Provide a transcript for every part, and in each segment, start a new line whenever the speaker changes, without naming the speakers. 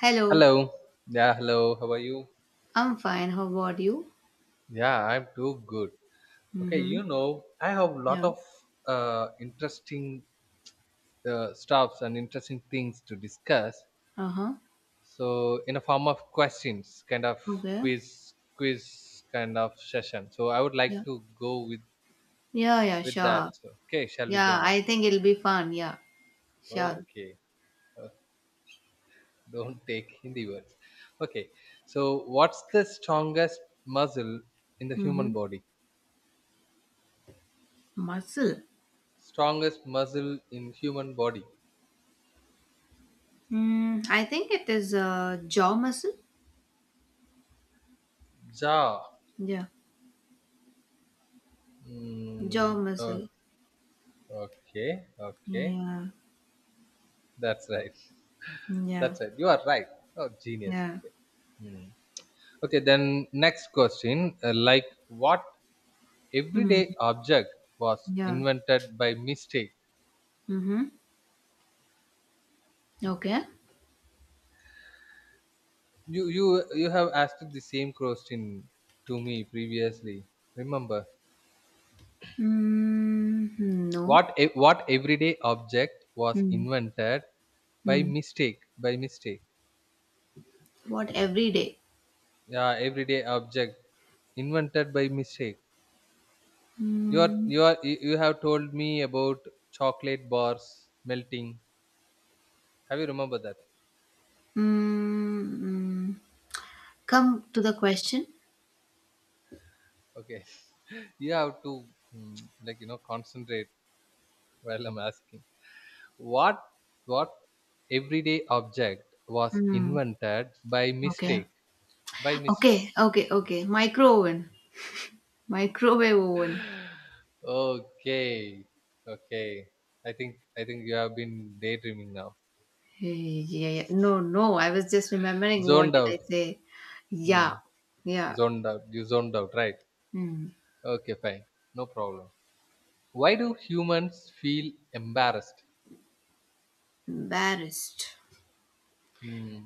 Hello,
Hello. Yeah, hello. How are you?
I'm fine. How about you?
Yeah, I'm too good. Okay,
Mm-hmm.
you know, I have a lot
Yeah.
of interesting stuffs and interesting things to discuss.
Uh-huh.
So, in a form of questions, kind of
Okay.
quiz kind of session. So, I would like
Yeah.
to go with
Yeah, yeah,
with that.
sure.
So, okay, shall we go
Yeah,
now?
I think it'll be fun. Yeah, sure.
Okay, uh, don't take Hindi words. Okay, so what's the strongest muscle in the
Mm-hmm.
human body?
Muscle.
Strongest muscle in human body.
I think it is jaw muscle.
Jaw.
Yeah. Jaw
Mm, uh,
muscle.
okay, okay.
Yeah.
That's right.
Yeah.
That's right. You are right. Oh, genius.
Yeah.
Okay. Hmm. Okay, then next question. Like, what
Mm.
everyday object was
Yeah.
invented by mistake?
Mm-hmm. Okay.
You have asked the same question to me previously. Remember,
No.
what everyday object was
Mm.
invented by
Mm.
mistake? By mistake.
What every day?
Yeah, everyday object invented by mistake. you are
Mm.
you are you you have told me about chocolate bars melting. Have you remember that?
Mm. mm. Come to the question.
Okay. You have to, mm, like, you know, concentrate while I'm asking what what everyday object was
Mm,
invented by
okay.
mistake. By mistake.
Okay, okay, okay. Micro oven. Microwave oven.
Okay, okay. I think you have been daydreaming now.
Yeah, yeah. No, no. I was just remembering what
Zoned
did I
out.
say. Yeah,
Hmm.
yeah.
Zoned out. You zoned out, right?
Hmm.
Okay, fine. No problem. Why do humans feel embarrassed?
Embarrassed.
Hmm.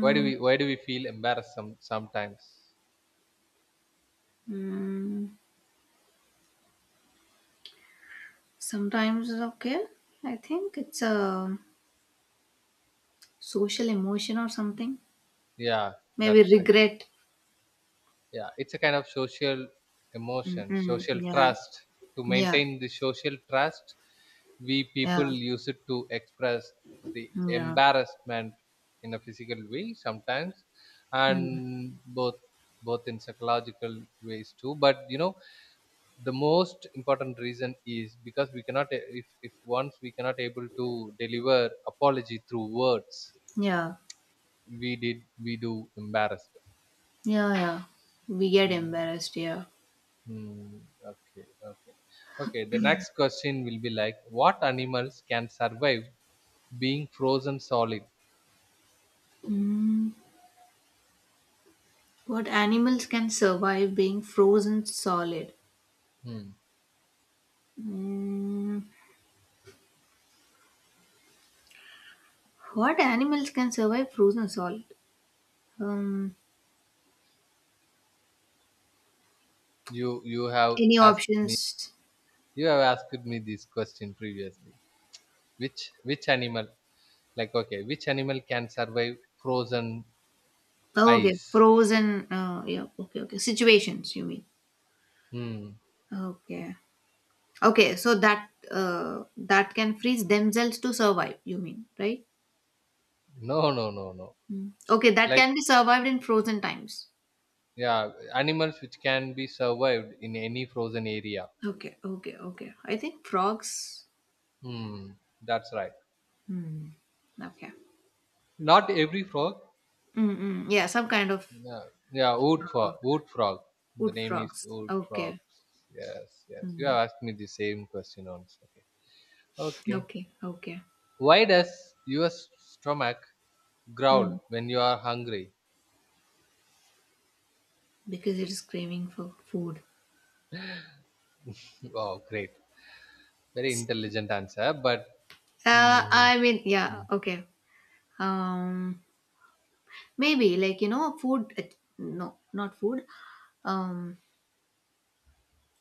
Why do we why do we feel embarrassed sometimes?
hmm. Sometimes it's okay. I think it's a social emotion or something.
Yeah,
Maybe
that's correct.
regret.
Yeah, it's a kind of social emotion,
Mm-hmm.
social
Yeah,
trust. To
yeah,
maintain the social trust, we people
yeah,
use it to express the
yeah.
embarrassment in a physical way sometimes,
Mm.
and both, both in psychological ways too. But you know, the most important reason is because we cannot, if once we cannot able to deliver apology through words,
Yeah.
we do embarrassed.
Yeah, yeah. We get
Hmm.
embarrassed, yeah.
Hmm. Okay, okay, okay, the next question will be like, what animals can survive being frozen solid?
Mm, what animals can survive being frozen solid?
Hmm.
Mm, what animals can survive frozen solid? Um,
You have
any
asked me,
options?
you have asked me this question previously. Which which animal, like, okay, which animal can survive frozen,
Oh, okay,
ice?
frozen. Yeah, okay, okay. Situations, you mean?
Hmm.
Okay, okay. So that can freeze themselves to survive. You mean, right?
No.
Mm. Okay, that
Like,
can be survived in frozen times.
yeah, animals which can be survived in any frozen area.
Okay, okay, okay. I think frogs.
Hmm, that's right.
Hmm. Okay.
Not every frog.
Mm-mm. Yeah, some kind of
Yeah, yeah, wood frog.
frog,
Wood frog. The
wood
name is
frogs.
wood frog.
Okay.
Yes, yes. You
Mm.
have asked me the same question once. Okay. Okay.
Okay. Okay.
Why does your stomach
Mm.
growl when you are hungry?
Because it is craving for food.
Oh, great. Very intelligent answer, but mm,
I mean, yeah.
mm,
Okay. Um, Maybe like you know, food. No, not food. Um,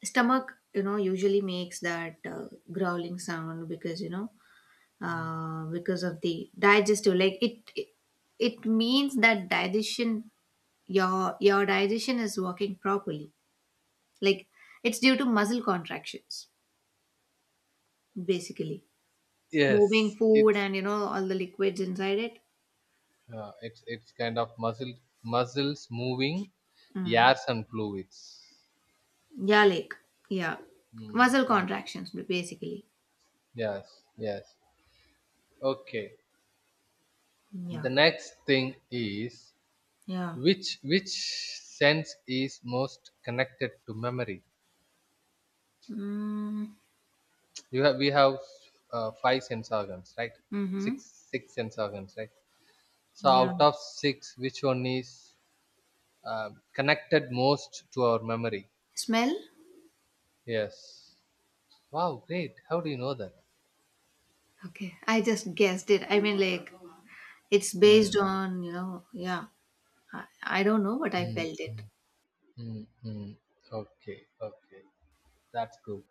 Stomach. You know, usually makes that growling sound because you know,
mm.
because of the digestive. Like it means that digestion. Your digestion is working properly. Like it's due to muscle contractions, basically. Moving
yes,
food
it's,
and you know all the liquids inside it.
It's kind of muscle, muscles moving,
Mm.
airs and fluids.
Yeah, like yeah,
Mm,
muscle
mm.
contractions basically.
Yes, yes. Okay.
Yeah.
The next thing is,
Yeah.
which sense is most connected to memory?
Mm.
You have We have five sense organs, right?
Mm-hmm.
Six sense organs, right? So
Yeah.
out of six, which one is connected most to our memory?
Smell?
Yes. Wow, great. How do you know that?
Okay, I just guessed it. I mean, like it's based
Mm.
on. Yeah, I don't know, but I
Mm.
felt it.
Mm-hmm. Okay, okay, that's good.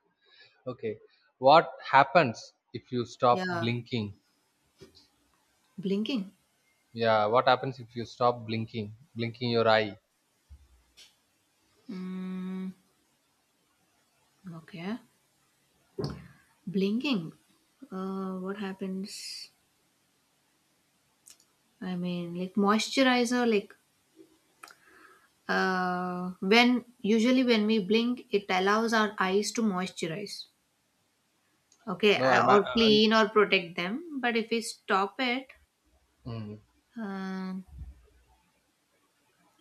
Okay, what happens if you stop
Yeah,
blinking?
blinking.
Yeah, what happens if you stop blinking, blinking your eye?
Mm, okay, blinking. What happens? I mean, like moisturizer, like when usually when we blink, it allows our eyes to moisturize, okay,
No, I'm.
or
N-
clean or protect them. But if we stop it,
mm,
uh,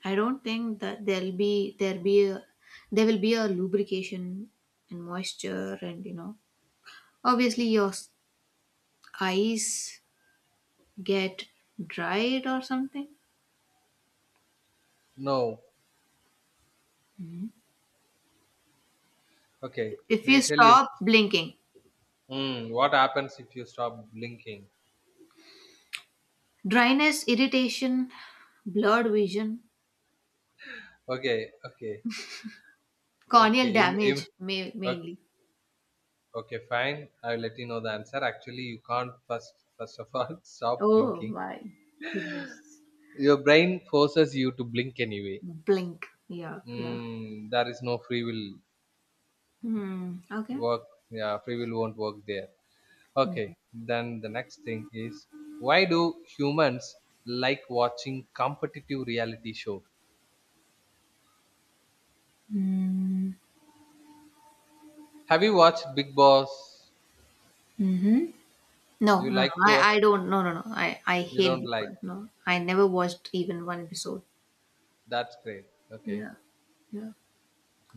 I don't think that there will be a lubrication and moisture, and obviously your eyes get dried or something
no, okay.
if
May I
you
tell you?
stop blinking.
What happens if you stop blinking?
Dryness, irritation, blurred vision,
Okay, okay, okay.
corneal damage,
Okay,
mainly.
okay, fine. I'll let you know the answer. Actually, you can't first. First of all, stop
Oh
blinking.
my goodness.
Your brain forces you to blink anyway.
Blink. Yeah, yeah.
There is no free will
Hmm. Okay.
work. Yeah, free will won't work there.
Mm-hmm.
Okay, then the next thing is, why do humans like watching competitive reality show? Have you watched Big Boss?
Mm-hmm. No,
You
no,
like
no.
to watch?
I don't. No, no, no. I
You
hate
don't like?
people. No, I never watched even one episode.
That's great. Okay.
Yeah, yeah.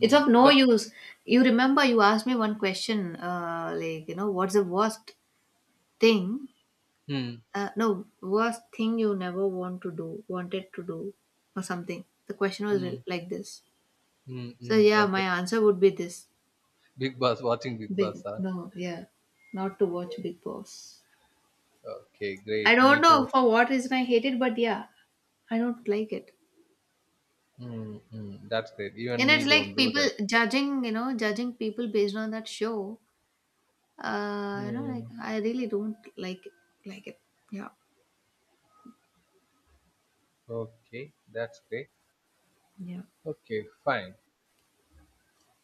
It's of no
that.
use. You remember you asked me one question, like, what's the worst thing?
Hmm.
No, worst thing you never wanted to do, or something. The question was
Hmm.
like this.
Hmm.
So
Hmm.
yeah, my
Okay.
answer would be this.
Big Boss. Watching Big Boss.
Big
Huh?
no, yeah. Not to watch Big Boss.
Okay.
I
Great.
don't
Me
know
too.
for what reason I hate it, but yeah, I don't like it.
Hmm. Hmm. That's great.
And
Even
it's
me
like
don't do
people
that.
judging people based on that show. Like
Hmm.
I really don't like it. Yeah,
Okay. That's great.
Yeah.
Okay, fine.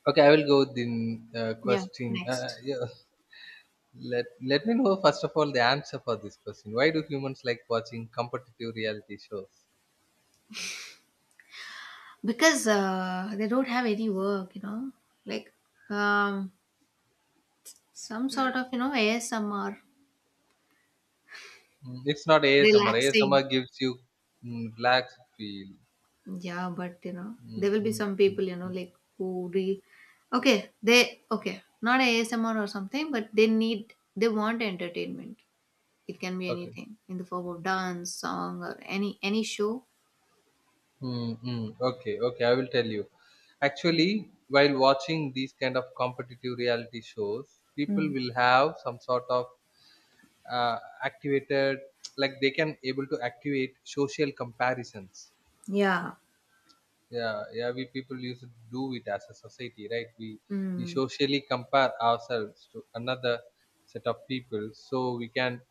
Okay, I will go with the
yeah.
question.
Next,
Yeah. Let me know first of all the answer for this question. Why do humans like watching competitive reality shows?
because they don't have any work, like um, some sort of ASMR
Mm, it's not ASMR.
relaxing.
ASMR gives you, relaxed feel.
Yeah, but there
Mm,
will be
mm,
some people,
mm.
like who re okay, they okay, not ASMR or something, but they want entertainment. It can be
Okay.
anything in the form of dance, song, or any show.
Mm. Okay. Okay. I will tell you. Actually, while watching these kind of competitive reality shows, people
Mm.
will have some sort of activated, like they can able to activate social comparisons.
Yeah.
Yeah, yeah, we people used to do it as a society, right? We
Mm.
socially compare ourselves to another set of people, so we can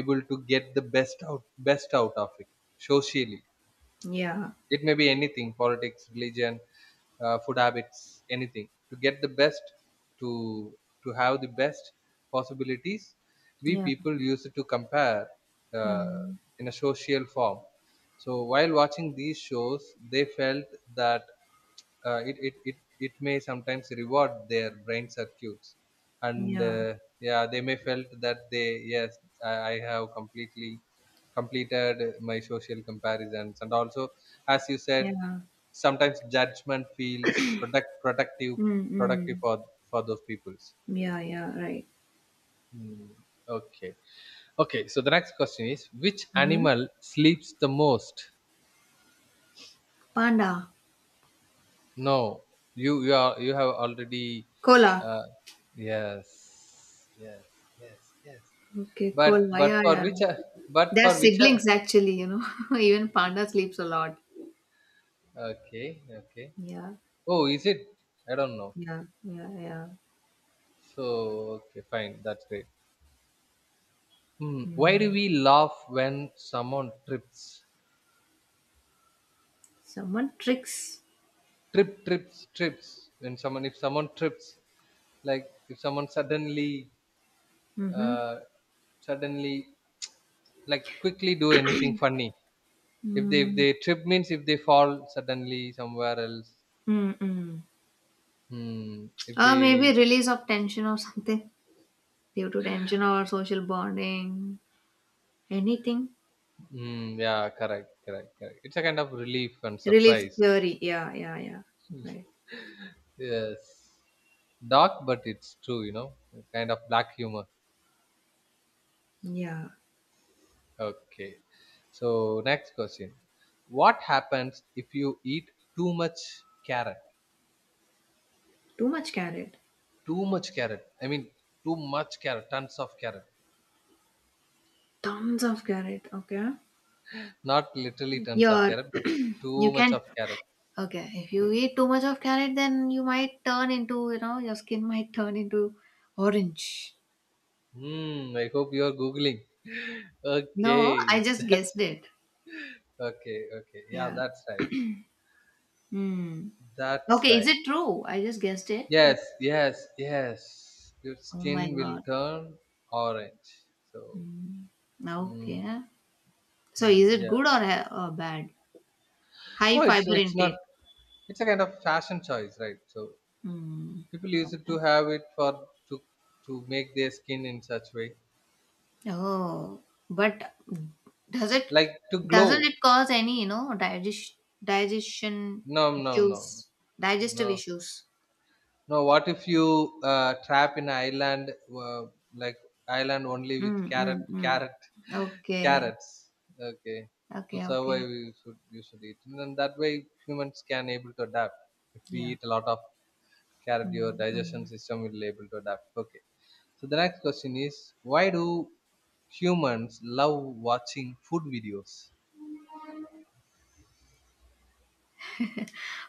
able to get the best out of it socially.
Yeah.
It may be anything, politics, religion, food habits, anything. To get the best, to to have the best possibilities, we
Yeah.
people use it to compare uh,
Mm.
in a social form. So while watching these shows, they felt that, it may sometimes reward their brain circuits, and
Yeah.
yeah, they may felt that they, yes, I have completely completed my social comparisons, and also, as you said,
Yeah.
sometimes judgment feels productive,
Mm. mm.
productive for those peoples.
Yeah. Yeah. Right.
Hmm. Okay. Okay. So the next question is, which
Mm-hmm.
animal sleeps the most?
Panda.
No, you have already,
Cola.
uh, yes, yes, yes, yes.
Okay. Cola.
But
Yeah.
for
Yeah.
which, but
They're
for which
siblings, actually. You know, even panda sleeps a lot.
okay, okay.
Yeah,
Oh, is it? I don't know.
yeah, yeah, yeah.
So okay, fine. That's great. Hmm. Why do
Mm.
we laugh when someone trips?
Someone tricks.
Trips. When someone, if someone trips, like if someone suddenly,
Mm-hmm.
uh, suddenly like quickly do anything funny. If they, if
Mm.
they trip means if they fall suddenly somewhere else.
Mm-mm.
Hmm. If
Or maybe
they,
release of tension or something due to tension or social bonding. Anything.
hmm, yeah, correct, correct, correct. It's a kind of relief and
Relief
surprise.
theory. Yeah, yeah, yeah. Right.
Yes. Dark, but it's true, you know, kind of black humor.
Yeah.
Okay. So next question. What happens if you eat too much carrot?
Too much carrot.
Too much carrot. I mean too much carrot, tons of carrot.
Tons of carrot. Okay.
Not literally tons of
Your
carrot, but too
you
much
can
of carrot.
okay. If you eat too much of carrot, then you might turn into you know your skin might turn into orange.
Hmm. I hope you are googling.
No, I
Okay.
just guessed
That's
it.
okay. Okay. Yeah.
Yeah.
That's right.
Hmm.
That's
Okay, is
right.
it true? I just guessed it, but
Yes. Yes. Yes. Your
oh my
skin will
god.
turn orange. So. Mm,
Okay. So is it
yeah.
good or bad? High
No.
fiber
It's not.
intake.
It's a kind of fashion choice, right? So
Hmm.
people use it to
Okay.
have it for to make their skin in such way,
Oh, but does it
like to
doesn't
glow.
it cause any digestion
No. No. No.
issues, digestive
No.
issues?
No, what if you trap in an island, like island only with
Mm, mm,
carrot,
mm.
carrot,
Okay.
carrots? Okay, to
Okay, okay.
survive, you should eat, and then that way humans can able to adapt. If we
Yeah.
eat a lot of carrot, your
Mm,
digestion
mm.
system will able to adapt. Okay, so the next question is, why do humans love watching food videos?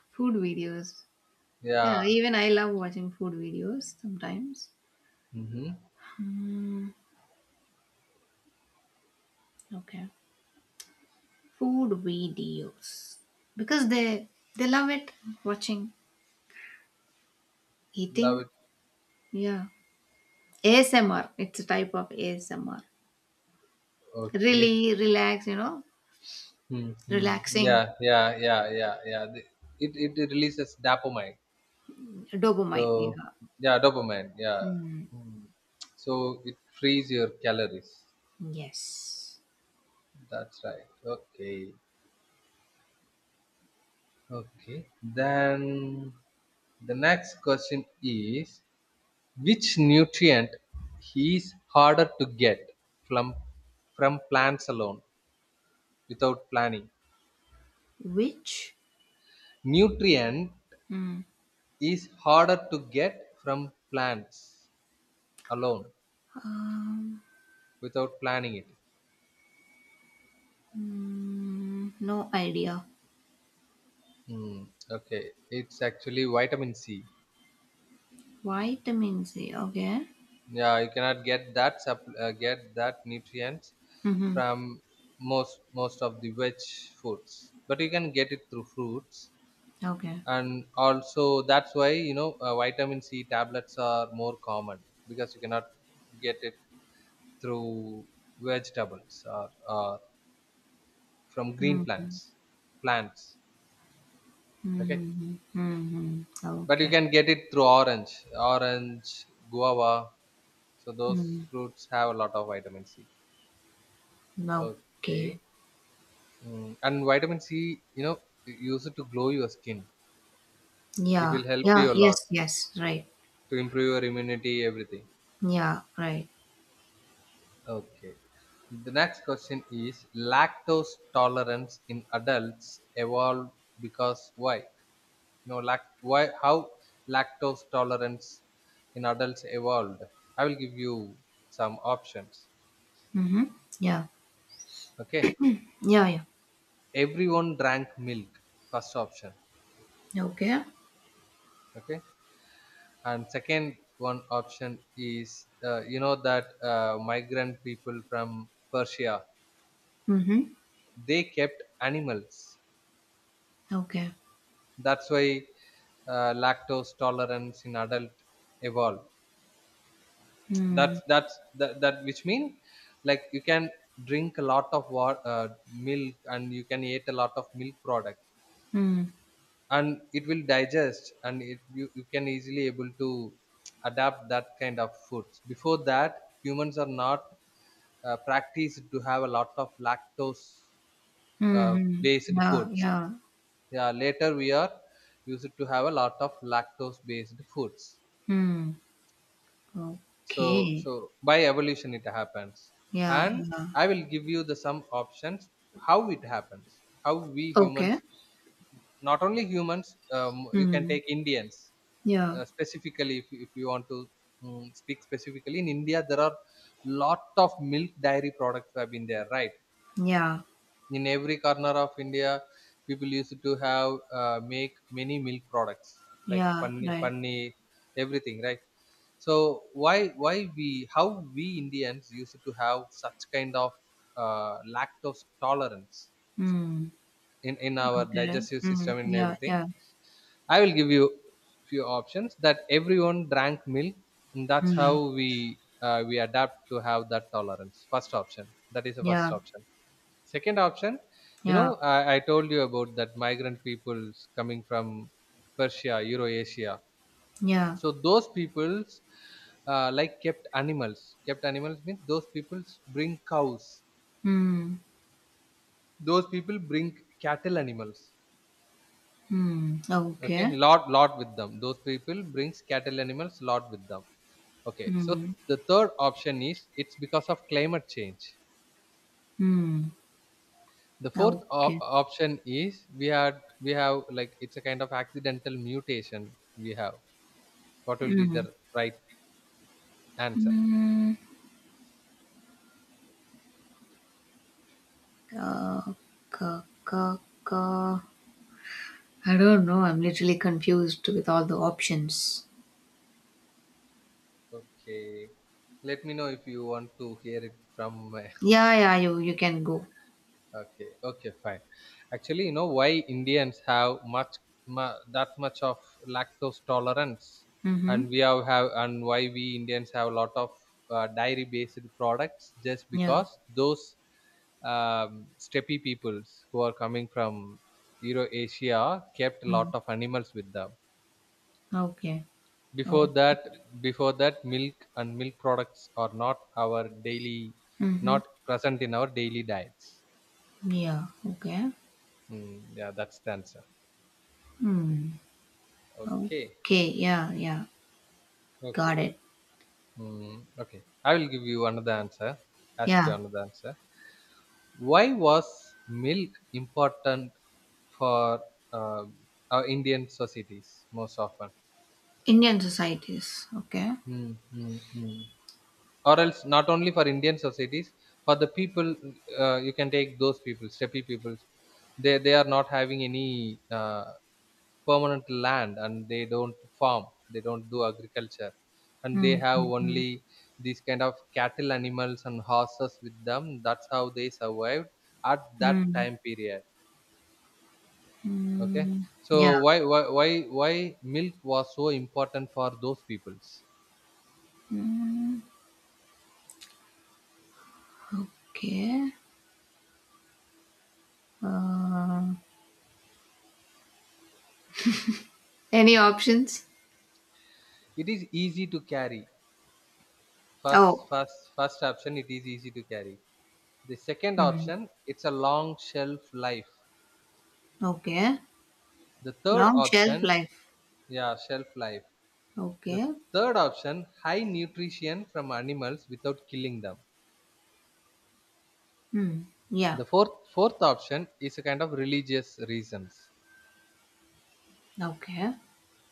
Food videos. Yeah,
Yeah,
even I love watching food videos sometimes.
mm-hmm.
Mm, okay. Food videos because they love it watching
Love
eating.
it.
Yeah, ASMR. It's a type of ASMR.
Okay,
Really relax,
mhm, mhm.
relaxing
It releases dopamine. So
dopamine. Yeah.
yeah, dopamine. Yeah.
Mm,
Mm. So it frees your calories.
yes.
That's right. Okay. Okay. Then the next question is, which nutrient is harder to get from from plants alone without planning?
Which
Nutrient
Mm.
is harder to get from plants alone
um,
without planning it.
no idea.
Okay, it's actually vitamin C.
Vitamin C. Okay.
Yeah, you cannot get that get that nutrients
Mm-hmm.
from most of the veg foods, but you can get it through fruits.
Okay.
And also that's why you know vitamin C tablets are more common because you cannot get it through vegetables, or from green
Mm-hmm.
plants, plants. Okay,
Mhm, mhm.
but you
Okay.
can get it through orange, orange, guava. So those
Mm,
fruits have a lot of vitamin C.
okay.
Okay. Mm. And vitamin C, you know, use it to glow your skin. It
Yeah.
will help
Yeah.
you a lot
Yes. Yes. Right.
to improve your immunity, everything.
Yeah. Right.
Okay. The next question is, lactose tolerance in adults evolved because why? You know, lact why how lactose tolerance in adults evolved? I will give you some options.
Mm-hmm. Yeah.
Okay.
Yeah. Yeah.
Everyone drank milk. First option.
Okay.
Okay, and second one option is, you know that migrant people from Persia,
Mm-hmm.
they kept animals,
Okay.
that's why lactose tolerance in adult evolved.
Mm.
That, which mean, like, you can drink a lot of water, milk, and you can eat a lot of milk product,
Mm.
and it will digest, and you can easily able to adapt that kind of foods. Before that humans are not practiced to have a lot of lactose
Mm.
based
Yeah.
foods.
Yeah.
Yeah, later we are used to have a lot of lactose based foods.
Mm.
So
Okay.
so by evolution it happens.
Yeah.
And
Yeah.
I will give you the some options, how it happens, how we
Okay.
humans, not only humans, you can
Mm.
take Indians,
Yeah.
specifically, if you want to, speak specifically, in India there are lot of milk dairy products have been there, right?
Yeah.
In every corner of India, people used to have, make many milk products like
Yeah.
paneer,
Right.
paneer, everything, right? So why we, how we Indians used to have such kind of lactose tolerance
Mm.
in our
Okay.
digestive
Mm.
system and
Yeah.
everything?
Yeah.
I will give you few options, that everyone drank milk, and that's how
Mm.
we adapt to have that tolerance. First option, that is the first
Yeah.
option. Second option, you
Yeah.
know, I told you about that migrant peoples coming from Persia, Eurasia.
Yeah.
So those peoples like kept animals. Kept animals means those peoples bring cows.
Mm.
Those people bring cattle animals.
Hmm.
Okay,
Okay.
lot with them. Those people brings cattle animals lot with them. Okay, so
Hmm.
the third option is it's because of climate change.
Hmm.
The fourth
Okay.
option is we have, like, it's a kind of accidental mutation we have. What will be
Hmm.
the right answer?
Hmm. uh, ka, ka, ka. I don't know. I'm literally confused with all the options.
Okay, let me know if you want to hear it from my
Yeah, yeah, you can go.
okay, okay, fine. Actually, you know why Indians have much that much of lactose tolerance, and
Mm-hmm.
we have, and why we Indians have a lot of dairy based products, just
Yeah.
because those steppe peoples who are coming from Euro Asia kept a
Hmm.
lot of animals with them.
Okay.
before
Okay.
that before that milk and milk products are not, our daily
Mm-hmm.
not present in our daily diets.
Yeah. Okay.
Mm, yeah, that's the answer.
Hmm.
Okay,
Okay. Yeah, yeah.
okay.
Got it.
Mm, okay, I will give you another answer ask you
Yeah.
another answer. Why was milk important for uh, our Indian societies most often?
Indian societies. Okay.
Mm, mm, mm. Or else, not only for Indian societies, for the people, you can take those people, steppe peoples. They are not having any uh, permanent land, and they don't farm, they don't do agriculture, and they have
Mm-hmm.
only these kind of cattle animals and horses with them. That's how they survived at that
Mm-hmm.
time period. Okay,
Mm-hmm.
so
Yeah.
why why why, why milk was so important for those peoples?
Mm, okay. Uh, any options?
It is easy to carry. First,
Oh,
first, first option, it is easy to carry. The second
hmm.
option, it's a long shelf life.
Okay.
The third
Long shelf
option,
life.
yeah, shelf life. The
Okay.
third option, high nutrition from animals without killing them.
Hmm. Yeah.
The fourth option is a kind of religious reasons.
Okay.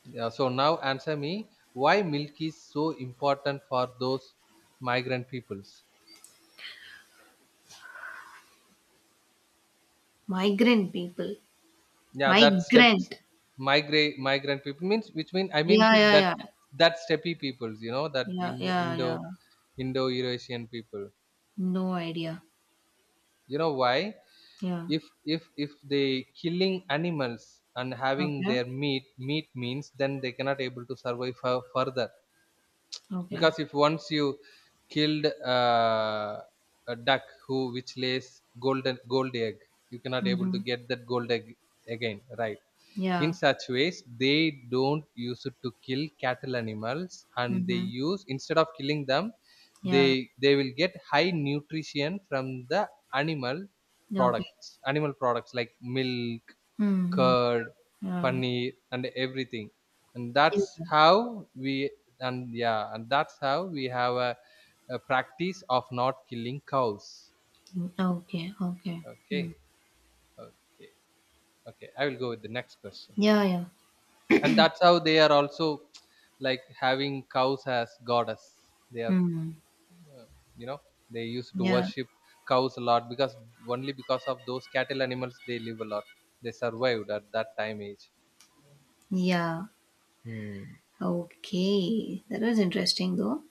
Yeah, so now answer me, why milk is so important for those migrant peoples?
Migrant people.
Yeah, that steps,
Migrant.
migrate migrant people means, which mean I mean,
Yeah, yeah,
that
yeah.
that steppy peoples, you know, that
Yeah,
Indo
yeah, yeah.
Eurasian people.
No idea.
You know why?
Yeah.
If they killing animals and having
Okay.
their meat means, then they cannot able to survive further.
Okay.
Because if once you killed, uh, a duck who which lays gold egg, you cannot able to
Mm-hmm.
get that gold egg again, right? In
Yeah.
such ways, they don't use it to kill cattle animals, and they
Mm-hmm.
use instead of killing them, they
Yeah.
they will get high nutrition from the animal
Okay.
animal products like milk,
Mm-hmm.
curd,
Yeah.
paneer and everything. and that's
yeah.
how we and yeah, and that's how we have a practice of not killing cows.
Okay. Okay. Mm.
Okay, okay, okay, I will go with the next question.
Yeah, yeah.
And that's how they are also, like, having cows as goddess. They are,
Mm.
uh, you know, they used to
Yeah.
worship cows a lot, because only because of those cattle animals, they live a lot, they survived at that time age.
Yeah.
Hmm.
Okay. That was interesting though.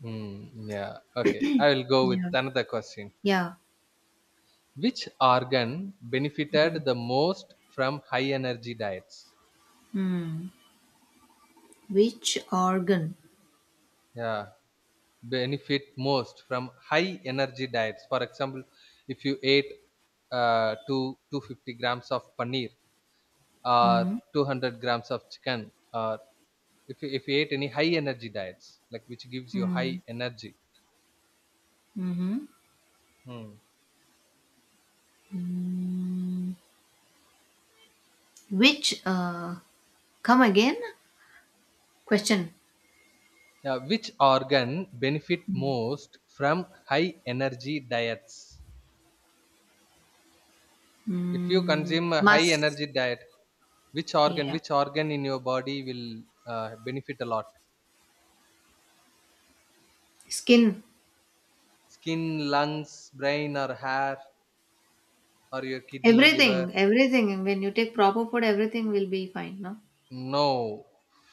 Hmm. Yeah. Okay, I will go with
Yeah.
another question.
Yeah.
Which organ
Hmm.
benefited the most from high energy diets?
Hmm. Which organ?
Yeah, benefit most from high energy diets. For example, if you ate 2 250 grams of paneer or
Hmm.
200 grams of chicken, or if you ate any high energy diets, like, which gives you
Hmm.
high energy.
Mm-hmm.
Hmm.
Hmm. Which come again? Question.
Now, which organ benefit most from high energy diets? If you
Hmm.
consume a high
Must.
energy diet,
Yeah.
which organ in your body will benefit a lot?
Skin.
Skin, lungs, brain or hair, or your kidney, liver?
Everything. Everything. When you take proper food, everything will be fine, no?
No,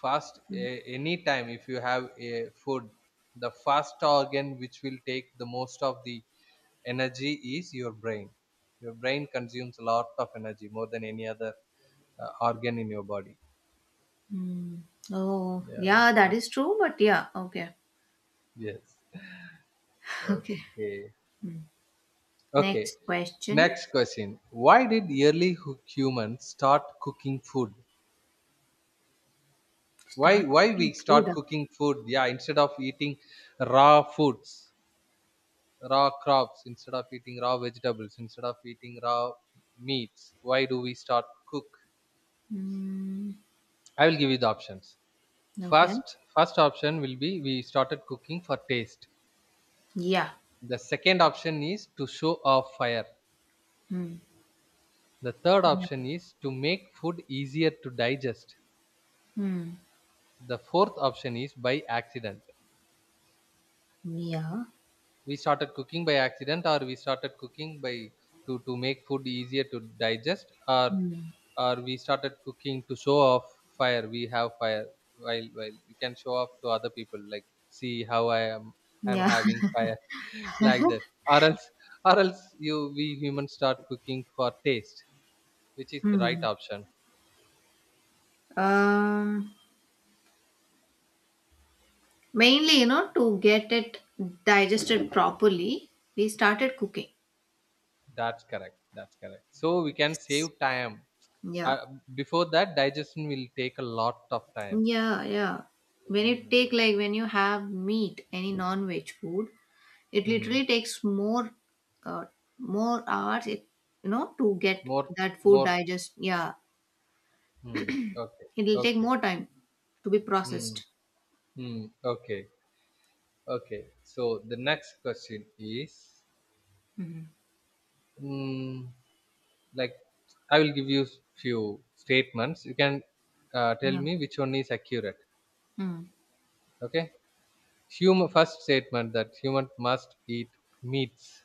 any time if you have a food, the first organ which will take the most of the energy is your brain. Your brain consumes a lot of energy, more than any other organ in your body.
Hmm. Oh,
Yeah.
yeah, that
Okay.
is true, but yeah, okay.
Yes.
Okay.
okay
Hmm.
okay.
Next question.
Next question: why did early humans start cooking food? why
Start
why we
cooking food.
start
Ah.
cooking food? Yeah, instead of eating raw foods, raw crops, instead of eating raw vegetables, instead of eating raw meats, why do we start cook?
Mm,
I will give you the options.
okay.
First option will be we started cooking for taste.
Yeah.
The second option is to show off fire.
Hmm.
The third
Yeah.
option is to make food easier to digest.
Hmm.
The fourth option is by accident.
Yeah.
We started cooking by accident, or we started cooking by to make food easier to digest, or
Mm.
we started cooking to show off fire. We have fire. While you can show off to other people, like, see how I am, I'm
Yeah.
having fire like that, or else or else you we humans start cooking for taste. Which is the
Hmm.
right option?
Um, Mainly, you know, to get it digested properly, we started cooking.
That's correct, so we can save time.
Yeah.
uh, Before that, digestion will take a lot of time.
Yeah, yeah. When you take
Mm.
like when you have meat, any non-veg food, it
Hmm.
literally takes uh, more hours, it, you know, to get
More,
that food
more.
digest. Yeah.
Hmm. Okay.
It'll take
Okay.
more time to be
Hmm.
processed.
Hmm. Okay. Okay. So the next question is,
Hmm.
hmm, like, I will give you few statements. You can tell
Yeah.
me which one is accurate.
Mm.
Okay. Human, first statement, that human must eat meats.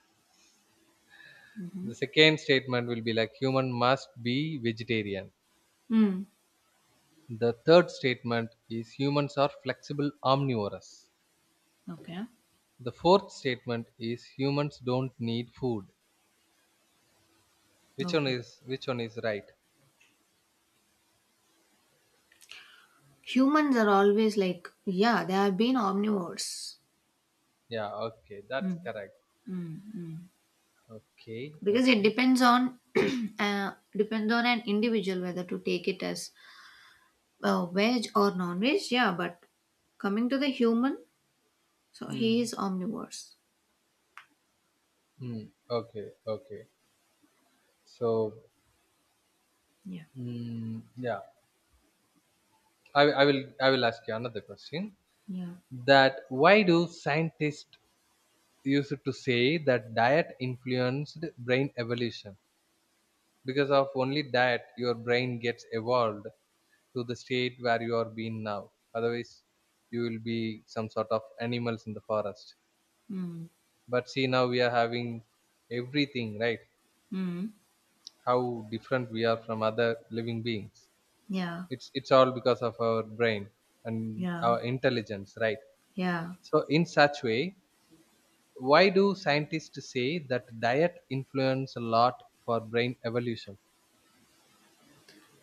The second statement will be like human must be vegetarian.
Mm.
The third statement is humans are flexible omnivorous.
Okay.
The fourth statement is humans don't need food.
Okay.
Which one is right?
Humans are always like, yeah, they have been omnivores.
Yeah, okay, that's
Mm.
correct.
Mm. Mm.
Okay,
Because it
okay.
depends on depends on an individual whether to take it as veg or non-veg. Yeah, but coming to the human, so he
Hmm.
is omnivores.
Hmm. Okay, okay. So,
Yeah.
mm, yeah, I will ask you another question.
Yeah.
That why do scientists used to say that diet influenced brain evolution? Because of only that your brain gets evolved to the state where you are being now, otherwise you will be some sort of animals in the forest.
Mm.
But see, now we are having everything, right?
Mm.
How different we are from other living beings.
Yeah,
It's all because of our brain and
Yeah.
our intelligence, right?
yeah.
So in such way, why do scientists say that diet influence a lot for brain evolution?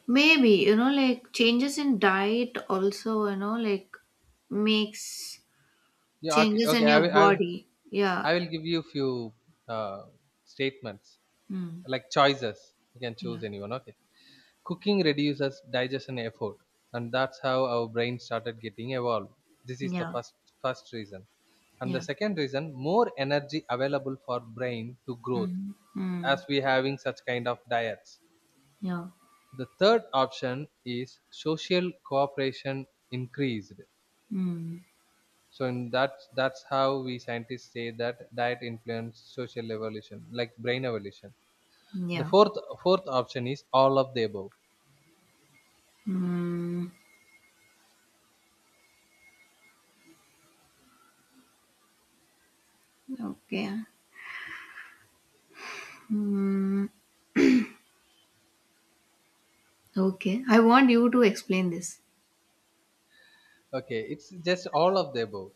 Maybe, you know, like changes in diet also, you know, like makes
Yeah, okay,
changes
okay,
in your body. Yeah.
I will give you few uh, statements,
Mm.
like, choices. You can choose
Yeah.
anyone. Okay. Cooking reduces digestion effort, and that's how our brain started getting evolved. This is the
Yeah.
first reason. And the
Yeah.
second reason, more energy available for brain to growth,
Mm.
as
Mm.
we having such kind of diets.
Yeah.
The third option is social cooperation increased.
Mm.
So in that's how we scientists say that diet influence social evolution, like brain evolution. The
Yeah.
fourth option is all of the above.
Mm. Okay. Mm. Okay. I want you to explain this.
Okay, it's just all of the above.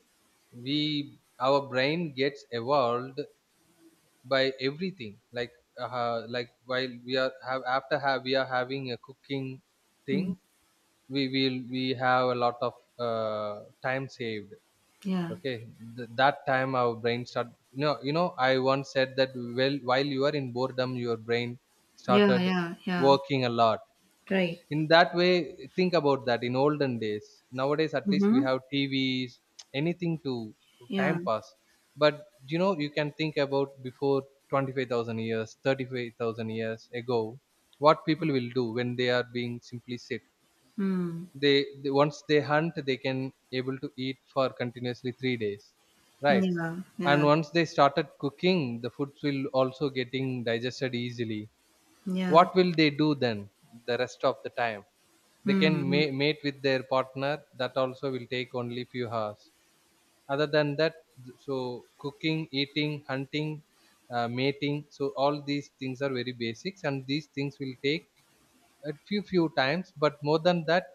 We our brain gets evolved by everything. Like, like while we are have after have we are having a cooking thing,
Mm.
we have a lot of time saved.
Yeah.
Okay, that time our brain start. No, you know, I once said that, well, while you are in boredom, your brain
Yeah.
started
Yeah. Yeah.
working a lot.
Right.
In that way, think about that in olden days, nowadays at least we
Mm-hmm.
have TVs, anything to
Yeah.
time pass. But you know, you can think about, before 25,000 years, 35,000 years ago, what people will do when they are being simply sit.
Mm.
They once they hunt, they can able to eat for continuously 3 days, right?
Yeah.
And
Yeah.
once they started cooking, the foods will also getting digested easily.
Yeah.
What will they do then the rest of the time? They can
Mm.
mate with their partner. That also will take only few hours. Other than that, so cooking, eating, hunting, mating, so all these things are very basics, and these things will take a few times, but more than that,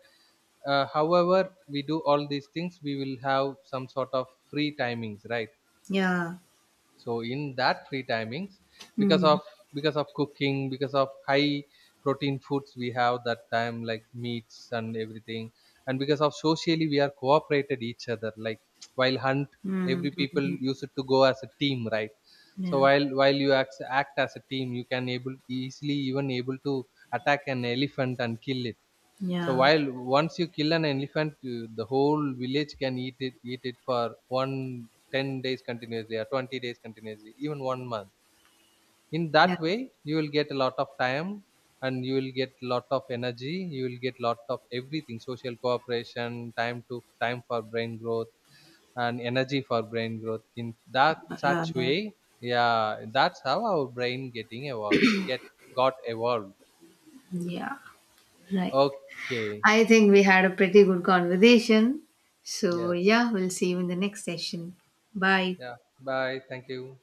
however we do all these things, we will have some sort of free timings, right?
Yeah.
So in that free timings, because
Mm.
of because of cooking, because of high protein foods, we have that time, like meats and everything. And because of socially we are cooperated each other, like while hunt,
Mhm,
every people
mhm.
used to go as a team, right? So
Yeah,
while you act as a team, you can able easily, even able to attack an elephant and kill it. So
yeah,
while once you kill an elephant, the whole village can eat it for one 10 days continuously or 20 days continuously, even one month. In
yeah,
that way, you will get a lot of time and you will get lot of energy. You will get lot of everything: social cooperation, time to time for brain growth, and energy for brain growth. In that
yeah,
such
yeah.
way, yeah, that's how our brain getting evolved, get got evolved.
Yeah, right.
Okay.
I think we had a pretty good conversation. So,
Yes.
yeah, we'll see you in the next session. Bye.
Yeah. Bye. Thank you.